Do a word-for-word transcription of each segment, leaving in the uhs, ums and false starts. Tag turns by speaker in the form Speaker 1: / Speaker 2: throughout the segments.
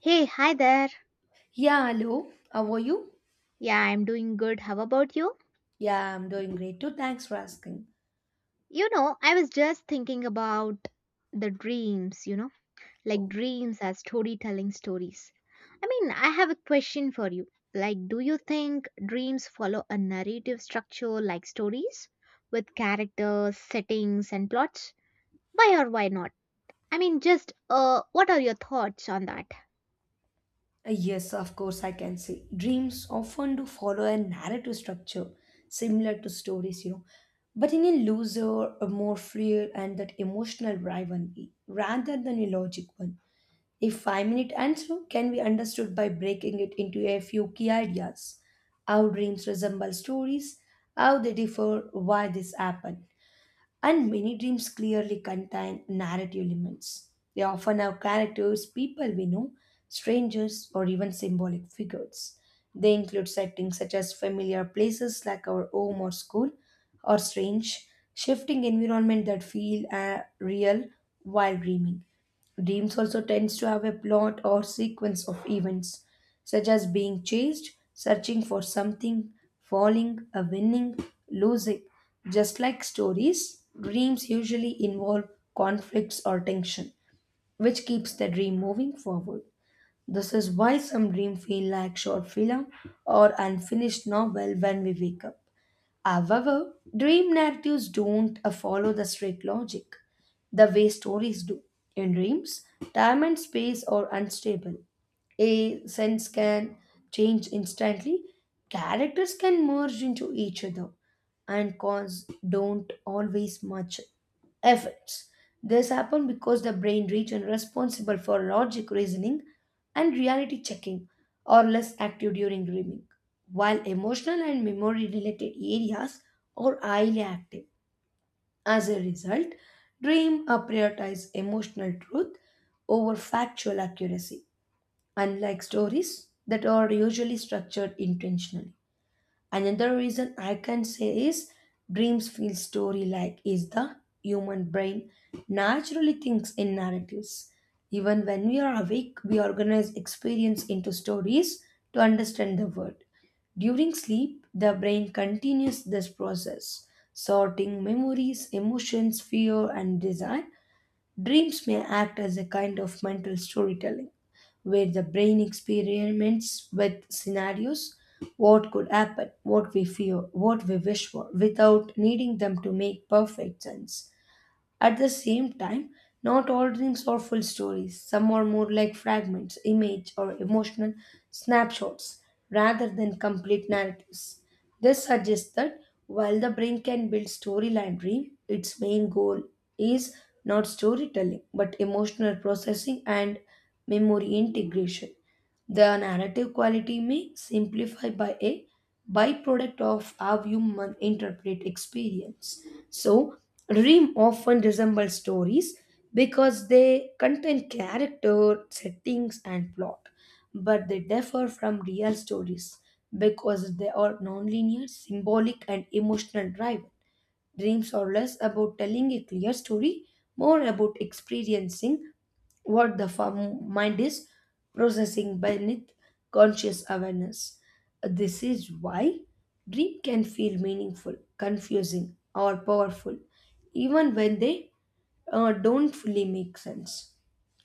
Speaker 1: Hey, hi there.
Speaker 2: Yeah, hello. How are you?
Speaker 1: Yeah, I'm doing good. How about you?
Speaker 2: Yeah, I'm doing great too. Thanks for asking.
Speaker 1: You know, I was just thinking about the dreams, you know, like
Speaker 2: Oh,
Speaker 1: dreams as storytelling stories. I mean, I have a question for you. Like, do you think dreams follow a narrative structure like stories with characters, settings, and plots? Why or why not? I mean, just uh, what are your thoughts on that?
Speaker 2: uh, yes, of course, I can say. Dreams often do follow a narrative structure similar to stories, you know, but in a looser, a more freer, and that emotional rivalry rather than a logic one. A five minute answer can be understood by breaking it into a few key ideas. How dreams resemble stories, how they differ, why this happened, and many dreams clearly contain narrative elements. They often have characters, people we know, strangers, or even symbolic figures. They include settings such as familiar places like our home or school, or strange, shifting environment that feel uh, real while dreaming. Dreams also tends to have a plot or sequence of events, such as being chased, searching for something, falling, a winning, losing. Just like stories, dreams usually involve conflicts or tension, which keeps the dream moving forward. This is why some dreams feel like short film or unfinished novel when we wake up. However, dream narratives don't uh, follow the strict logic the way stories do. In dreams, time and space are unstable. A sense can change instantly, characters can merge into each other, and cause don't always match effects. This happens because the brain region responsible for logic reasoning and reality checking are less active during dreaming, while emotional and memory related areas are highly active. As a result, dream uh, prioritize emotional truth over factual accuracy, unlike stories that are usually structured intentionally. Another reason I can say is dreams feel story like is the human brain naturally thinks in narratives. Even when we are awake, we organize experience into stories to understand the world. During sleep, the brain continues this process, sorting memories, emotions, fear, and desire. Dreams may act as a kind of mental storytelling, where the brain experiments with scenarios, what could happen, what we fear, what we wish for, without needing them to make perfect sense. At the same time, not all dreams are full stories. Some are more like fragments, image, or emotional snapshots rather than complete narratives. This suggests that while the brain can build storyline dream, its main goal is not storytelling but emotional processing and memory integration. The narrative quality may simplify by a byproduct of how humans interpret experience. So, dream often resemble stories because they contain character, settings, and plot, but they differ from real stories because they are nonlinear, symbolic, and emotional driven. Dreams are less about telling a clear story, more about experiencing what the farm mind is processing beneath conscious awareness. This is why dream can feel meaningful, confusing, or powerful, even when they uh, don't fully make sense.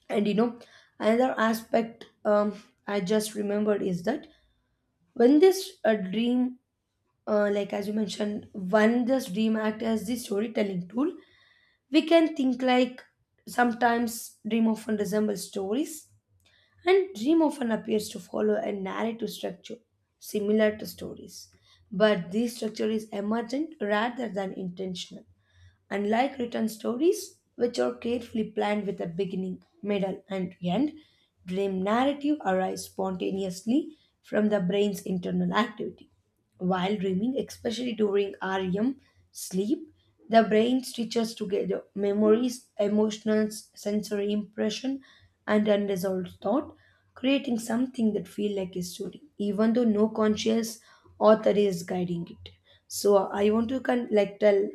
Speaker 2: And you know, another aspect um, I just remembered is that when this uh, dream, uh, like as you mentioned, when this dream act as the storytelling tool, we can think like sometimes dream often resembles stories and dream often appears to follow a narrative structure similar to stories, but this structure is emergent rather than intentional. Unlike written stories, which are carefully planned with a beginning, middle, and end, dream narrative arise spontaneously from the brain's internal activity. While dreaming, especially during R E M sleep, the brain stitches together memories, emotions, sensory impression, and unresolved thought, creating something that feels like a story, even though no conscious author is guiding it. So I want to con- like tell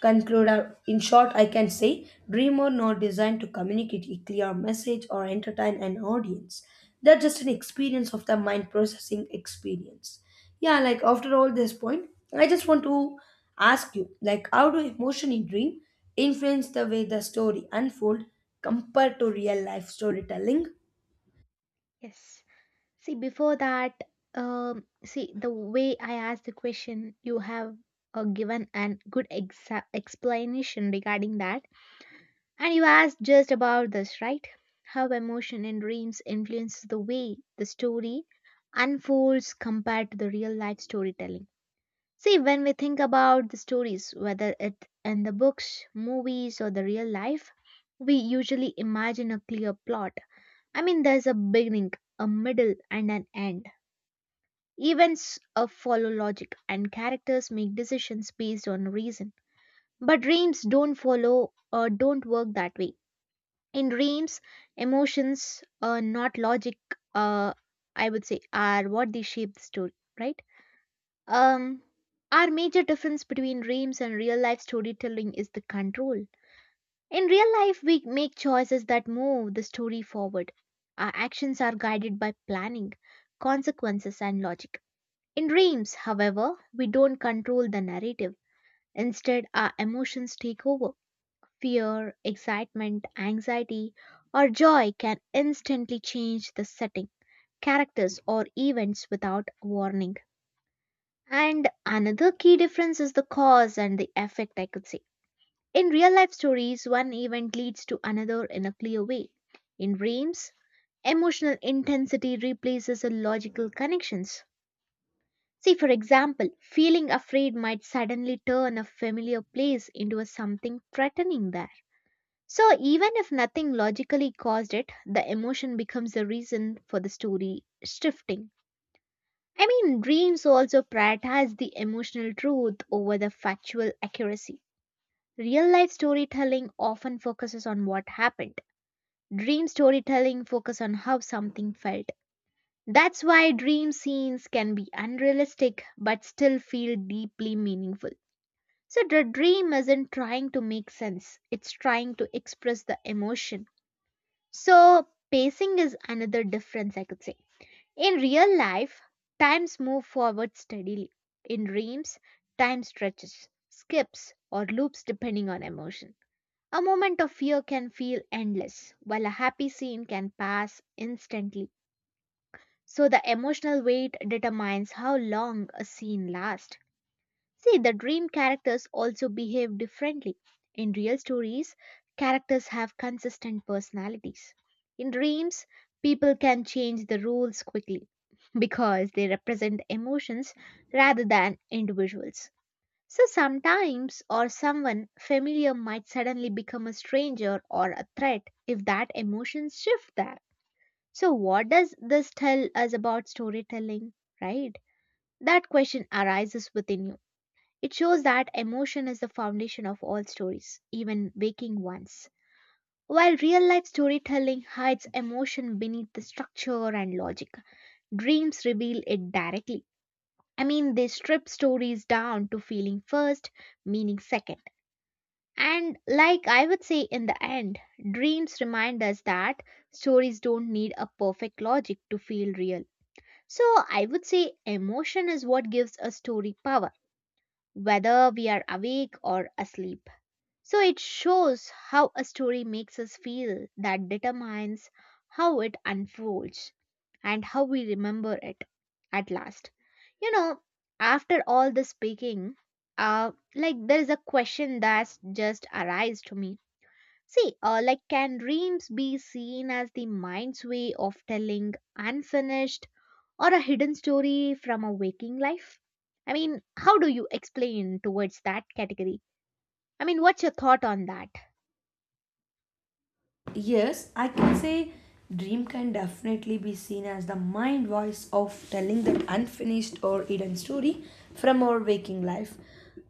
Speaker 2: conclude uh, in short, I can say dream or not designed to communicate a clear message or entertain an audience. They're just an experience of the mind processing experience. Yeah, like after all this point, I just want to ask you, like, how do emotion in dream influence the way the story unfold compared to real life storytelling?
Speaker 1: Yes. See, before that, um, see, the way I asked the question, you have uh, given a good exa- explanation regarding that. And you asked just about this, right? How emotion and dreams influences the way the story unfolds compared to the real life storytelling. See, when we think about the stories, whether it in the books, movies, or the real life, we usually imagine a clear plot. I mean, there's a beginning, a middle, and an end. Events uh, follow logic, and characters make decisions based on reason. But dreams don't follow or don't work that way. In dreams, emotions, uh, not logic, uh, I would say, are what they shape the story, right? Um, our major difference between dreams and real life storytelling is the control. In real life, we make choices that move the story forward. Our actions are guided by planning, consequences, and logic in dreams, however, we don't control the narrative. Instead, our emotions take over. Fear, excitement, anxiety, or joy can instantly change the setting, characters, or events without warning. And another key difference is the cause and the effect, I could say. In real life stories, one event leads to another in a clear way. In dreams, emotional intensity replaces the logical connections. See, for example, feeling afraid might suddenly turn a familiar place into a something threatening there. So, even if nothing logically caused it, the emotion becomes the reason for the story shifting. I mean, dreams also prioritize the emotional truth over the factual accuracy. Real life storytelling often focuses on what happened. Dream storytelling focuses on how something felt. That's why dream scenes can be unrealistic but still feel deeply meaningful. So, the dream isn't trying to make sense, it's trying to express the emotion. So, pacing is another difference, I could say. In real life, times move forward steadily. In dreams, time stretches, skips, or loops depending on emotion. A moment of fear can feel endless, while a happy scene can pass instantly. So the emotional weight determines how long a scene lasts. See, the dream characters also behave differently. In real stories, characters have consistent personalities. In dreams, people can change the rules quickly because they represent emotions rather than individuals. So sometimes or someone familiar might suddenly become a stranger or a threat if that emotions shift there. So, what does this tell us about storytelling, right? That question arises within you. It shows that emotion is the foundation of all stories, even waking ones. While real life storytelling hides emotion beneath the structure and logic, dreams reveal it directly. I mean, they strip stories down to feeling first, meaning second. And like I would say in the end, dreams remind us that stories don't need a perfect logic to feel real. So I would say emotion is what gives a story power, whether we are awake or asleep. So it shows how a story makes us feel that determines how it unfolds and how we remember it at last. You know, after all this speaking, uh, like there is a question that's just arise to me. See, uh, like can dreams be seen as the mind's way of telling unfinished or a hidden story from a waking life? I mean, how do you explain towards that category? I mean, what's your thought on that?
Speaker 2: Yes, I can say dream can definitely be seen as the mind voice of telling that unfinished or hidden story from our waking life.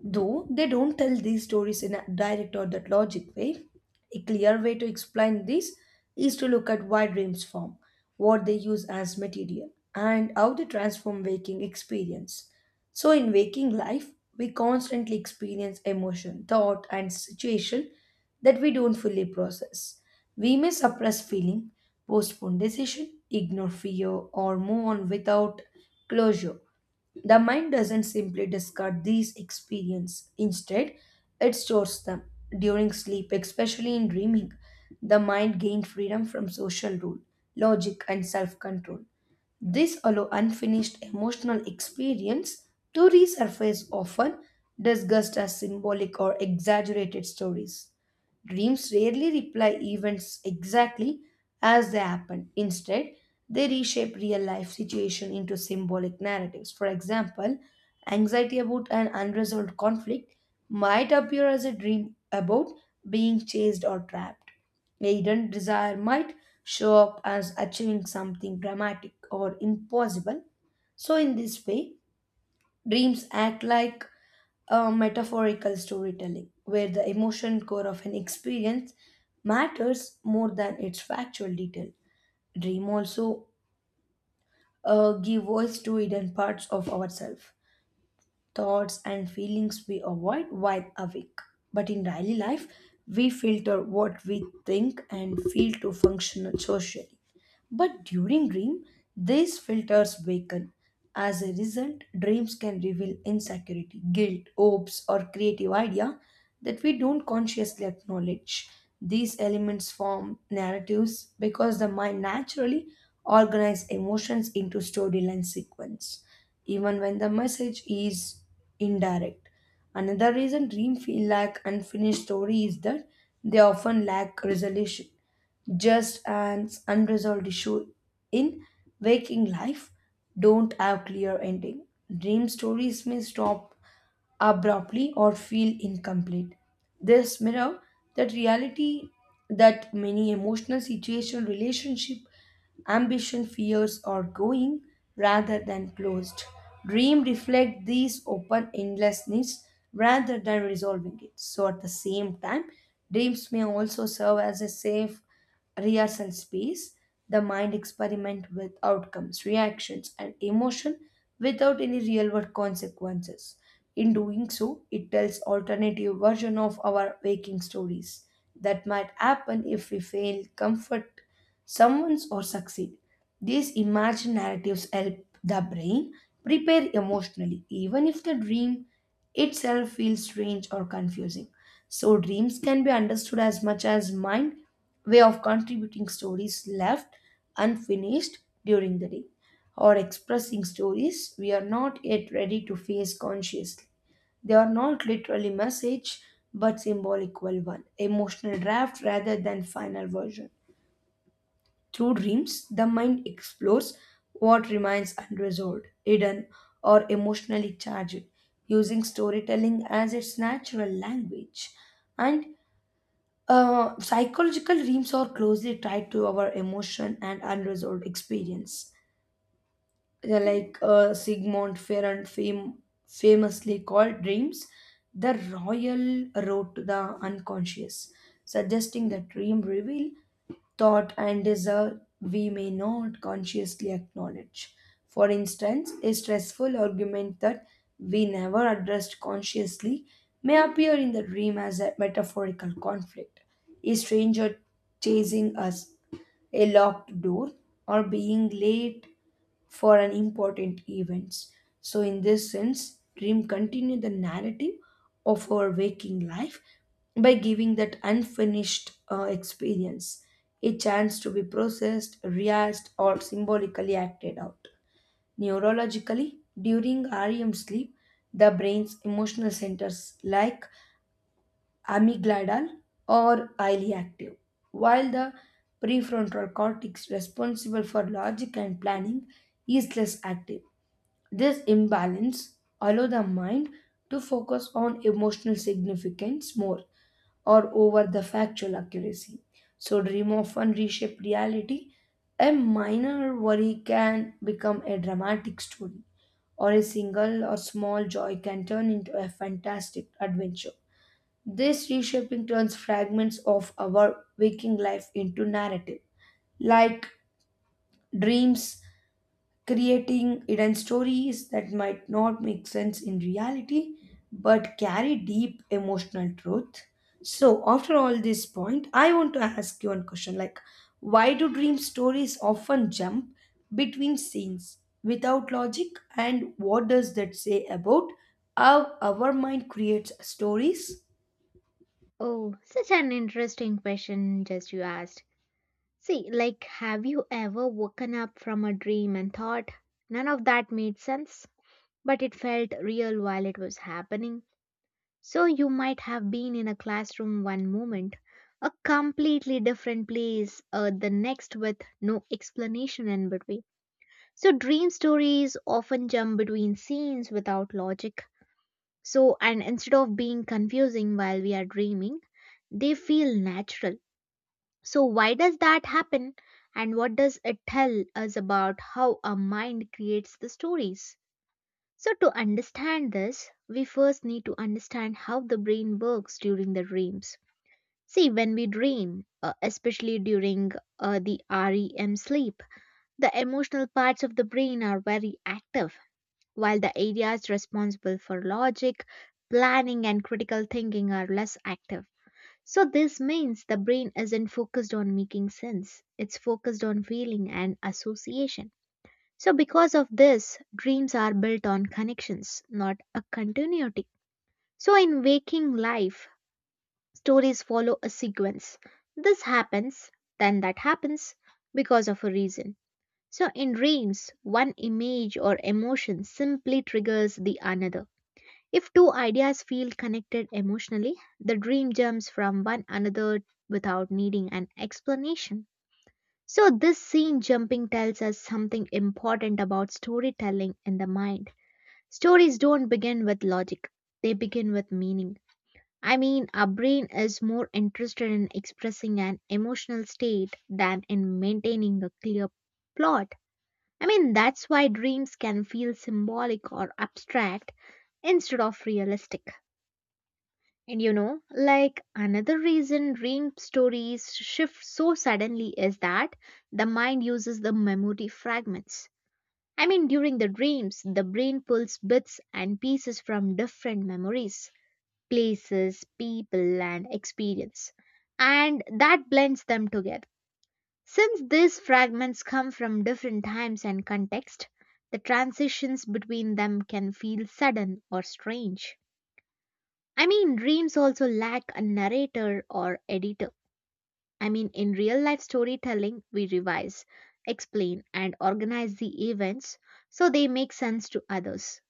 Speaker 2: Though they don't tell these stories in a direct or that logic way, a clear way to explain this is to look at why dreams form, what they use as material, and how they transform waking experience. So, in waking life, we constantly experience emotion, thought, and situation that we don't fully process. We may suppress feeling, postpone decision, ignore fear, or move on without closure. The mind doesn't simply discard these experiences. Instead, it stores them. During sleep, especially in dreaming, the mind gains freedom from social rule, logic, and self control. This allows unfinished emotional experience to resurface, often discussed as symbolic or exaggerated stories. Dreams rarely reply events exactly as they happen. Instead, they reshape real life situation into symbolic narratives. For example, anxiety about an unresolved conflict might appear as a dream about being chased or trapped. A hidden desire might show up as achieving something dramatic or impossible. So, in this way, dreams act like a metaphorical storytelling where the emotion core of an experience matters more than its factual detail. Dream also uh, give voice to hidden parts of ourselves, thoughts and feelings we avoid while awake. But in daily life, we filter what we think and feel to function socially. But during dream, these filters weaken. As a result, dreams can reveal insecurity, guilt, hopes, or creative idea that we don't consciously acknowledge. These elements form narratives because the mind naturally organizes emotions into storyline sequence, even when the message is indirect. Another reason dreams feel like unfinished story is that they often lack resolution. Just an unresolved issue in waking life don't have clear ending, dream stories may stop abruptly or feel incomplete. This mirror that reality, that many emotional situation, relationship, ambition, fears are going rather than closed. Dream reflect these open endlessness rather than resolving it. So at the same time, dreams may also serve as a safe Riyas and space, the mind experiment with outcomes, reactions, and emotion without any real world consequences. In doing so, it tells alternative version of our waking stories that might happen if we fail, comfort someone's or succeed. These imagined narratives help the brain prepare emotionally, even if the dream itself feels strange or confusing. So dreams can be understood as much as mind way of contributing stories left unfinished during the day or expressing stories we are not yet ready to face consciously. They are not literally message but symbolical one, emotional draft rather than final version. Through dreams, the mind explores what remains unresolved, hidden, or emotionally charged, using storytelling as its natural language. And uh, psychological dreams are closely tied to our emotion and unresolved experience. They're like uh, Sigmund Ferrand fam- famously called dreams the royal road to the unconscious, suggesting that dream reveal thought and desire we may not consciously acknowledge. For instance, a stressful argument that we never addressed consciously may appear in the dream as a metaphorical conflict, a stranger chasing us, a locked door, or being late for an important event. So, in this sense, dream continue the narrative of our waking life by giving that unfinished uh, experience a chance to be processed, realized, or symbolically acted out. Neurologically, during R E M sleep, the brain's emotional centers like amygdala or highly active, while the prefrontal cortex responsible for logic and planning is less active. This imbalance allows the mind to focus on emotional significance more or over the factual accuracy. So dream often reshape reality. A minor worry can become a dramatic story, or a single or small joy can turn into a fantastic adventure. This reshaping turns fragments of our waking life into narrative, like dreams, creating hidden stories that might not make sense in reality but carry deep emotional truth. So, after all this point, I want to ask you one question, like, why do dream stories often jump between scenes without logic, and what does that say about how our mind creates stories?
Speaker 1: Oh, such an interesting question just you asked. See, like, have you ever woken up from a dream and thought none of that made sense, but it felt real while it was happening? So you might have been in a classroom one moment, a completely different place uh, the next with no explanation in between. So dream stories often jump between scenes without logic. So, and instead of being confusing while we are dreaming, they feel natural. So, why does that happen? And what does it tell us about how our mind creates the stories? So, to understand this, we first need to understand how the brain works during the dreams. See, when we dream, uh, especially during uh, the R E M sleep, the emotional parts of the brain are very active while the areas responsible for logic, planning, and critical thinking are less active. So, this means the brain isn't focused on making sense, it's focused on feeling and association. So, because of this, dreams are built on connections, not a continuity. So, in waking life, stories follow a sequence. This happens, then that happens, because of a reason. So, in dreams, one image or emotion simply triggers the another. If two ideas feel connected emotionally, the dream jumps from one another without needing an explanation. So, this scene jumping tells us something important about storytelling in the mind. Stories don't begin with logic, they begin with meaning. I mean, our brain is more interested in expressing an emotional state than in maintaining a clear plot. I mean, that's why dreams can feel symbolic or abstract instead of realistic. And you know, like another reason dream stories shift so suddenly is that the mind uses the memory fragments. I mean, during the dreams, the brain pulls bits and pieces from different memories, places, people, and experience, and that blends them together. Since these fragments come from different times and context, the transitions between them can feel sudden or strange. I mean, dreams also lack a narrator or editor. I mean, in real life storytelling, we revise, explain, and organize the events so they make sense to others.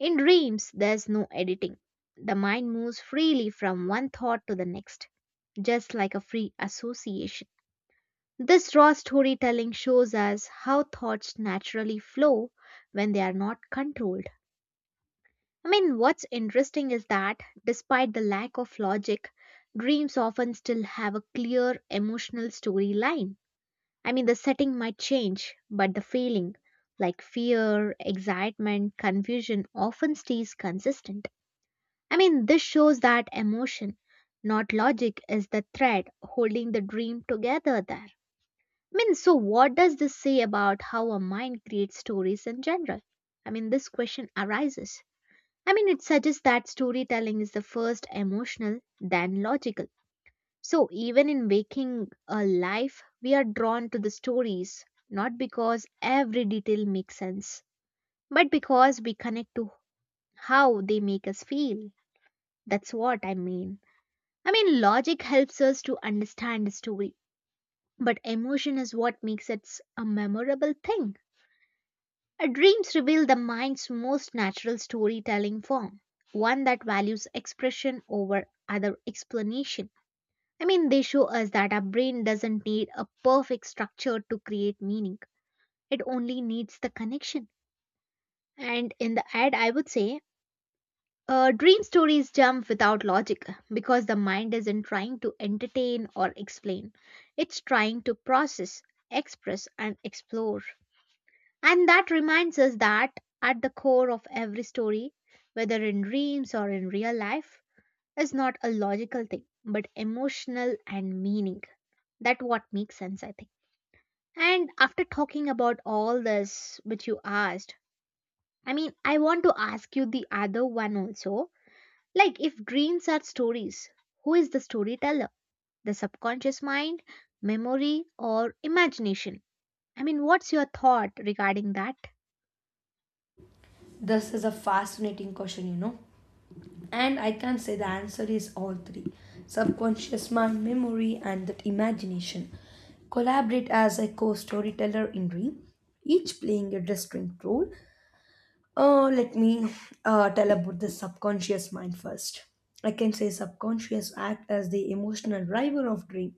Speaker 1: In dreams, there's no editing. The mind moves freely from one thought to the next, just like a free association. This raw storytelling shows us how thoughts naturally flow when they are not controlled. I mean, what's interesting is that despite the lack of logic, dreams often still have a clear emotional storyline. I mean, the setting might change, but the feeling, like fear, excitement, confusion, often stays consistent. I mean, this shows that emotion, not logic, is the thread holding the dream together there. I mean, so what does this say about how a mind creates stories in general? I mean, this question arises. I mean, it suggests that storytelling is the first emotional, then logical. So, even in waking a life, we are drawn to the stories, not because every detail makes sense, but because we connect to how they make us feel. That's what I mean. I mean, logic helps us to understand the story, but emotion is what makes it a memorable thing. Our dreams reveal the mind's most natural storytelling form, one that values expression over other explanation. I mean, they show us that our brain doesn't need a perfect structure to create meaning, it only needs the connection. And in the ad, I would say, uh, dream stories jump without logic because the mind isn't trying to entertain or explain, it's trying to process, express, and explore. And that reminds us that at the core of every story, whether in dreams or in real life, is not a logical thing, but emotional and meaning. That what makes sense, I think. And after talking about all this which you asked, I mean, I want to ask you the other one also. Like, if dreams are stories, who is the storyteller? The subconscious mind, memory, or imagination? I mean, what's your thought regarding that?
Speaker 2: This is a fascinating question, you know. And I can say the answer is all three, subconscious mind, memory, and that imagination collaborate as a co storyteller in dream, each playing a distinct role. Uh, let me uh, tell about the subconscious mind first. I can say subconscious act as the emotional driver of dream.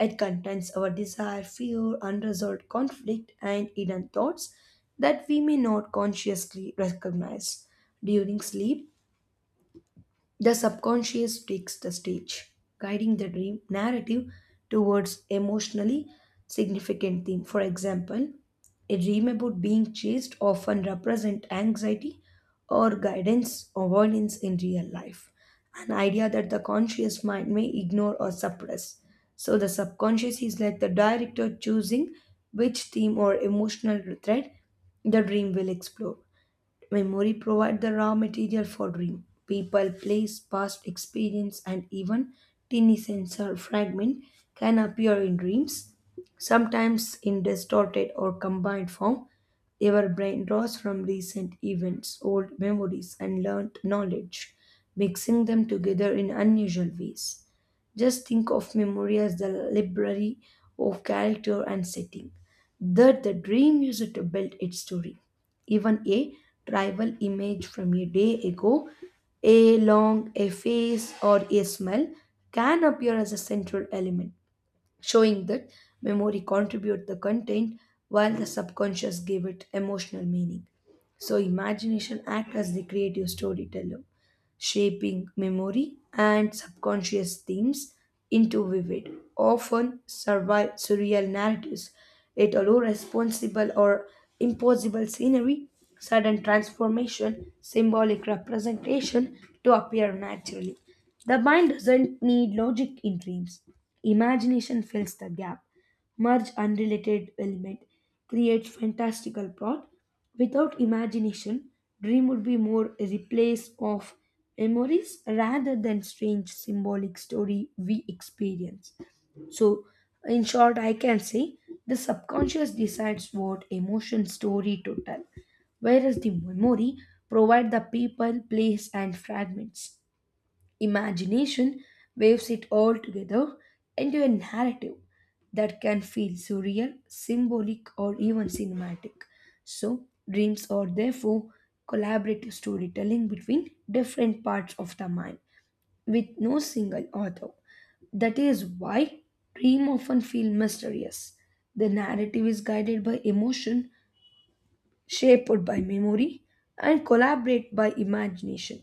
Speaker 2: It contains our desire, fear, unresolved conflict, and hidden thoughts that we may not consciously recognize. During sleep, the subconscious takes the stage, guiding the dream narrative towards emotionally significant theme. For example, a dream about being chased often represent anxiety or guidance or violence in real life, an idea that the conscious mind may ignore or suppress. So the subconscious is like the director choosing which theme or emotional thread the dream will explore. Memory provides the raw material for dream. People, place, past experience, and even tiny sensor fragment can appear in dreams, sometimes in distorted or combined form. Our brain draws from recent events, old memories, and learned knowledge, mixing them together in unusual ways. Just think of memory as the library of character and setting that the dream uses to build its story. Even a tribal image from a day ago, a long, a face, or a smell can appear as a central element, showing that memory contribute the content while the subconscious gave it emotional meaning. So imagination act as the creative storyteller shaping memory and subconscious themes into vivid, often survi- surreal narratives. It allows responsible or impossible scenery, sudden transformation, symbolic representation to appear naturally. The mind doesn't need logic in dreams. Imagination fills the gap merge unrelated element, create fantastical plot. Without imagination, dream would be more a replace of memories rather than strange symbolic story we experience. So, in short, I can say the subconscious decides what emotion story to tell, whereas the memory provide the people, place, and fragments. Imagination waves it all together into a narrative that can feel surreal, symbolic, or even cinematic. So, dreams are therefore collaborative storytelling between different parts of the mind with no single author. That is why dream often feel mysterious. The narrative is guided by emotion shaped by memory and collaborate by imagination,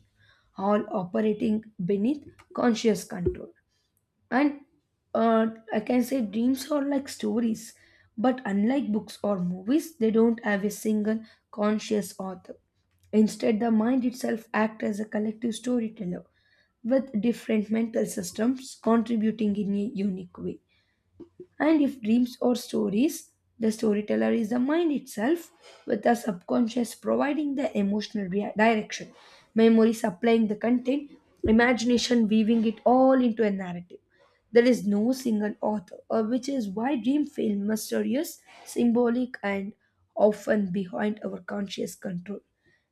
Speaker 2: all operating beneath conscious control. And uh, I can say dreams are like stories, but unlike books or movies, they don't have a single conscious author. Instead, the mind itself acts as a collective storyteller with different mental systems contributing in a unique way. And if dreams or stories, the storyteller is the mind itself, with the subconscious providing the emotional rea- direction, memory supplying the content, imagination weaving it all into a narrative. There is no single author, uh, which is why dream feel mysterious, symbolic, and often behind our conscious control.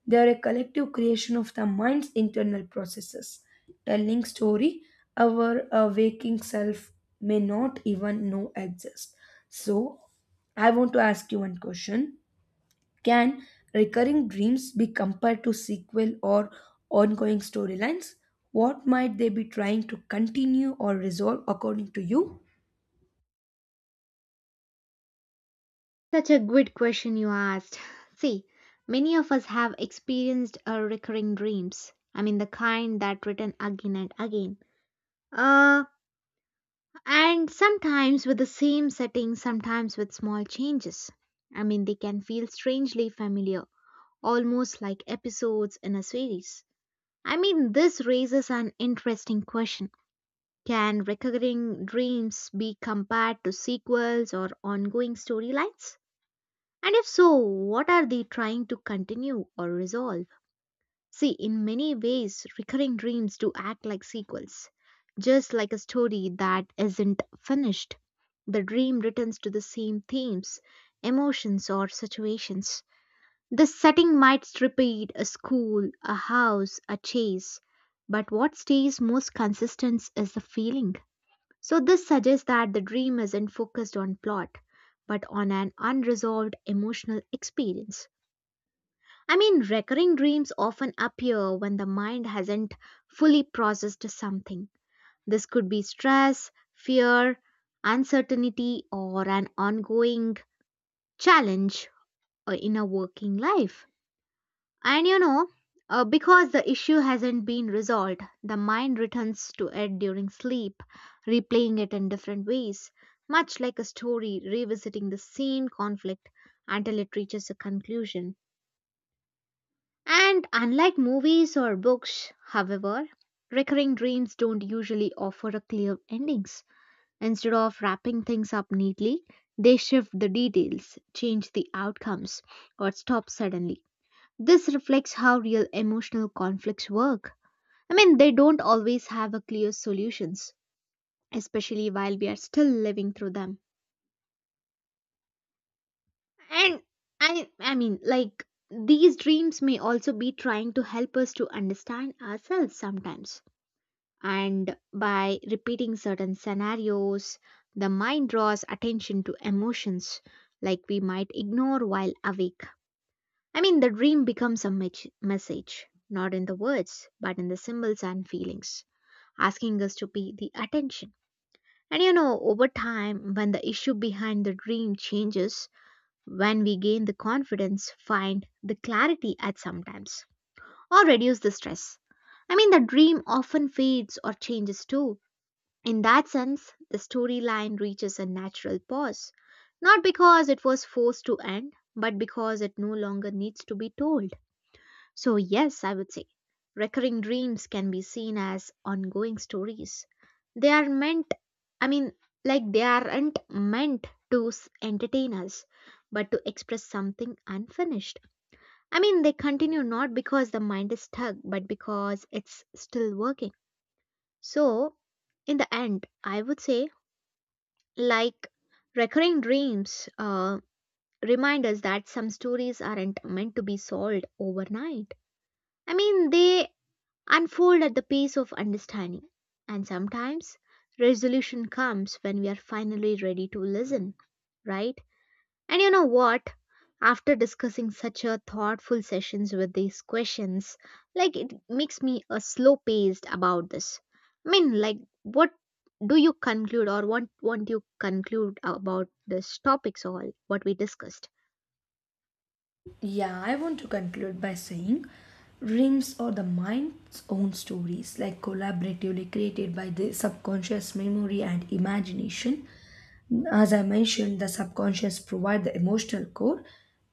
Speaker 2: They are a collective creation of the mind's internal processes, telling story our uh, waking self may not even know exist. So, I want to ask you one question. Can recurring dreams be compared to sequel or ongoing storylines? What might they be trying to continue or resolve according to you?
Speaker 1: Such a good question you asked. See, many of us have experienced uh, recurring dreams. I mean, the kind that return again and again. Uh, and sometimes with the same setting, sometimes with small changes. I mean, they can feel strangely familiar, almost like episodes in a series. I mean, this raises an interesting question. Can recurring dreams be compared to sequels or ongoing storylines? And if so, what are they trying to continue or resolve? See, in many ways, recurring dreams do act like sequels, just like a story that isn't finished. The dream returns to the same themes, emotions, or situations. The setting might repeat a school, a house, a chase, but what stays most consistent is the feeling. So, this suggests that the dream isn't focused on plot, but on an unresolved emotional experience. I mean, recurring dreams often appear when the mind hasn't fully processed something. This could be stress, fear, uncertainty, or an ongoing challenge uh, in a working life. And you know, uh, because the issue hasn't been resolved, the mind returns to it during sleep, replaying it in different ways, much like a story revisiting the same conflict until it reaches a conclusion. And unlike movies or books, however, recurring dreams don't usually offer a clear endings. Instead of wrapping things up neatly, they shift the details, change the outcomes, or stop suddenly. This reflects how real emotional conflicts work. I mean, they don't always have a clear solutions, especially while we are still living through them. And I I mean, like these dreams may also be trying to help us to understand ourselves sometimes. And by repeating certain scenarios, the mind draws attention to emotions like we might ignore while awake. I mean, the dream becomes a mech- message, not in the words, but in the symbols and feelings, asking us to pay the attention. And you know, over time, when the issue behind the dream changes, when we gain the confidence, find the clarity at sometimes, or reduce the stress. I mean, the dream often fades or changes too. In that sense, the storyline reaches a natural pause, not because it was forced to end, but because it no longer needs to be told. So, yes, I would say recurring dreams can be seen as ongoing stories. They are meant, I mean, like they aren't meant to s- entertain us, but to express something unfinished. I mean, they continue not because the mind is stuck, but because it's still working. So, in the end, I would say like recurring dreams uh, remind us that some stories aren't meant to be solved overnight. I mean, they unfold at the pace of understanding. And sometimes resolution comes when we are finally ready to listen, right? And you know what? After discussing such a thoughtful sessions with these questions, like it makes me a slow paced about this. I mean, like what do you conclude or what want you conclude about this topics all what we discussed?
Speaker 2: Yeah, I want to conclude by saying dreams are the mind's own stories, like collaboratively created by the subconscious memory and imagination. As I mentioned, the subconscious provides the emotional core,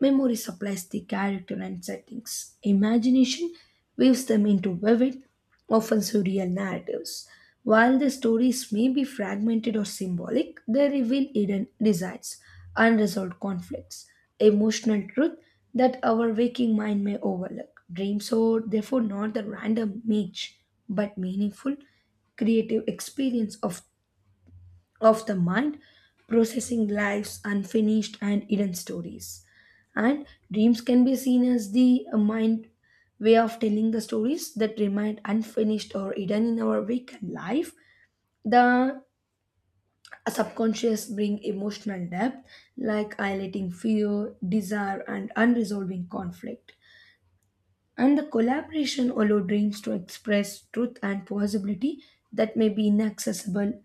Speaker 2: memory supplies the character and settings, imagination weaves them into vivid, often surreal narratives. While the stories may be fragmented or symbolic, they reveal hidden desires, unresolved conflicts, emotional truth that our waking mind may overlook. Dreams are therefore not the random niche, but meaningful, creative experience of of the mind, processing life's unfinished and hidden stories. And dreams can be seen as the uh, mind way of telling the stories that remain unfinished or hidden in our weekend life. The subconscious bring emotional depth like highlighting fear, desire, and unresolved conflict and the collaboration allow dreams to express truth and possibility that may be inaccessible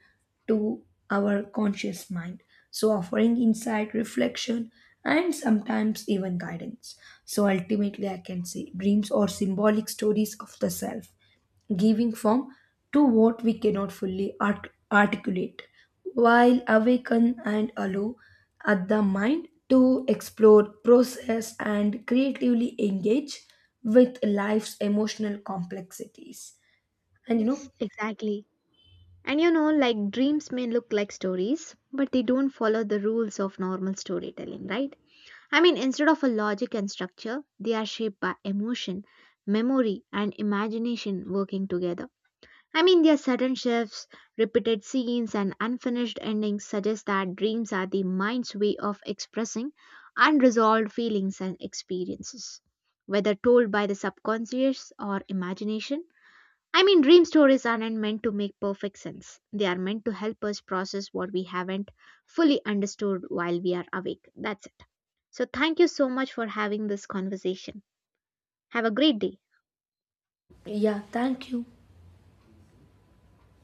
Speaker 2: to our conscious mind. So, offering insight, reflection, and sometimes even guidance. So, ultimately, I can say dreams are symbolic stories of the self giving form to what we cannot fully art- articulate, while awaken and allow at the mind to explore, process, and creatively engage with life's emotional complexities. And you
Speaker 1: Yes,
Speaker 2: know,
Speaker 1: exactly. And you know, like dreams may look like stories, but they don't follow the rules of normal storytelling, right? I mean, instead of a logic and structure, they are shaped by emotion, memory, and imagination working together. I mean, their sudden shifts, repeated scenes, and unfinished endings suggest that dreams are the mind's way of expressing unresolved feelings and experiences, whether told by the subconscious or imagination. I mean, dream stories aren't meant to make perfect sense. They are meant to help us process what we haven't fully understood while we are awake. That's it. So, thank you so much for having this conversation. Have a great day.
Speaker 2: yeah, thank you.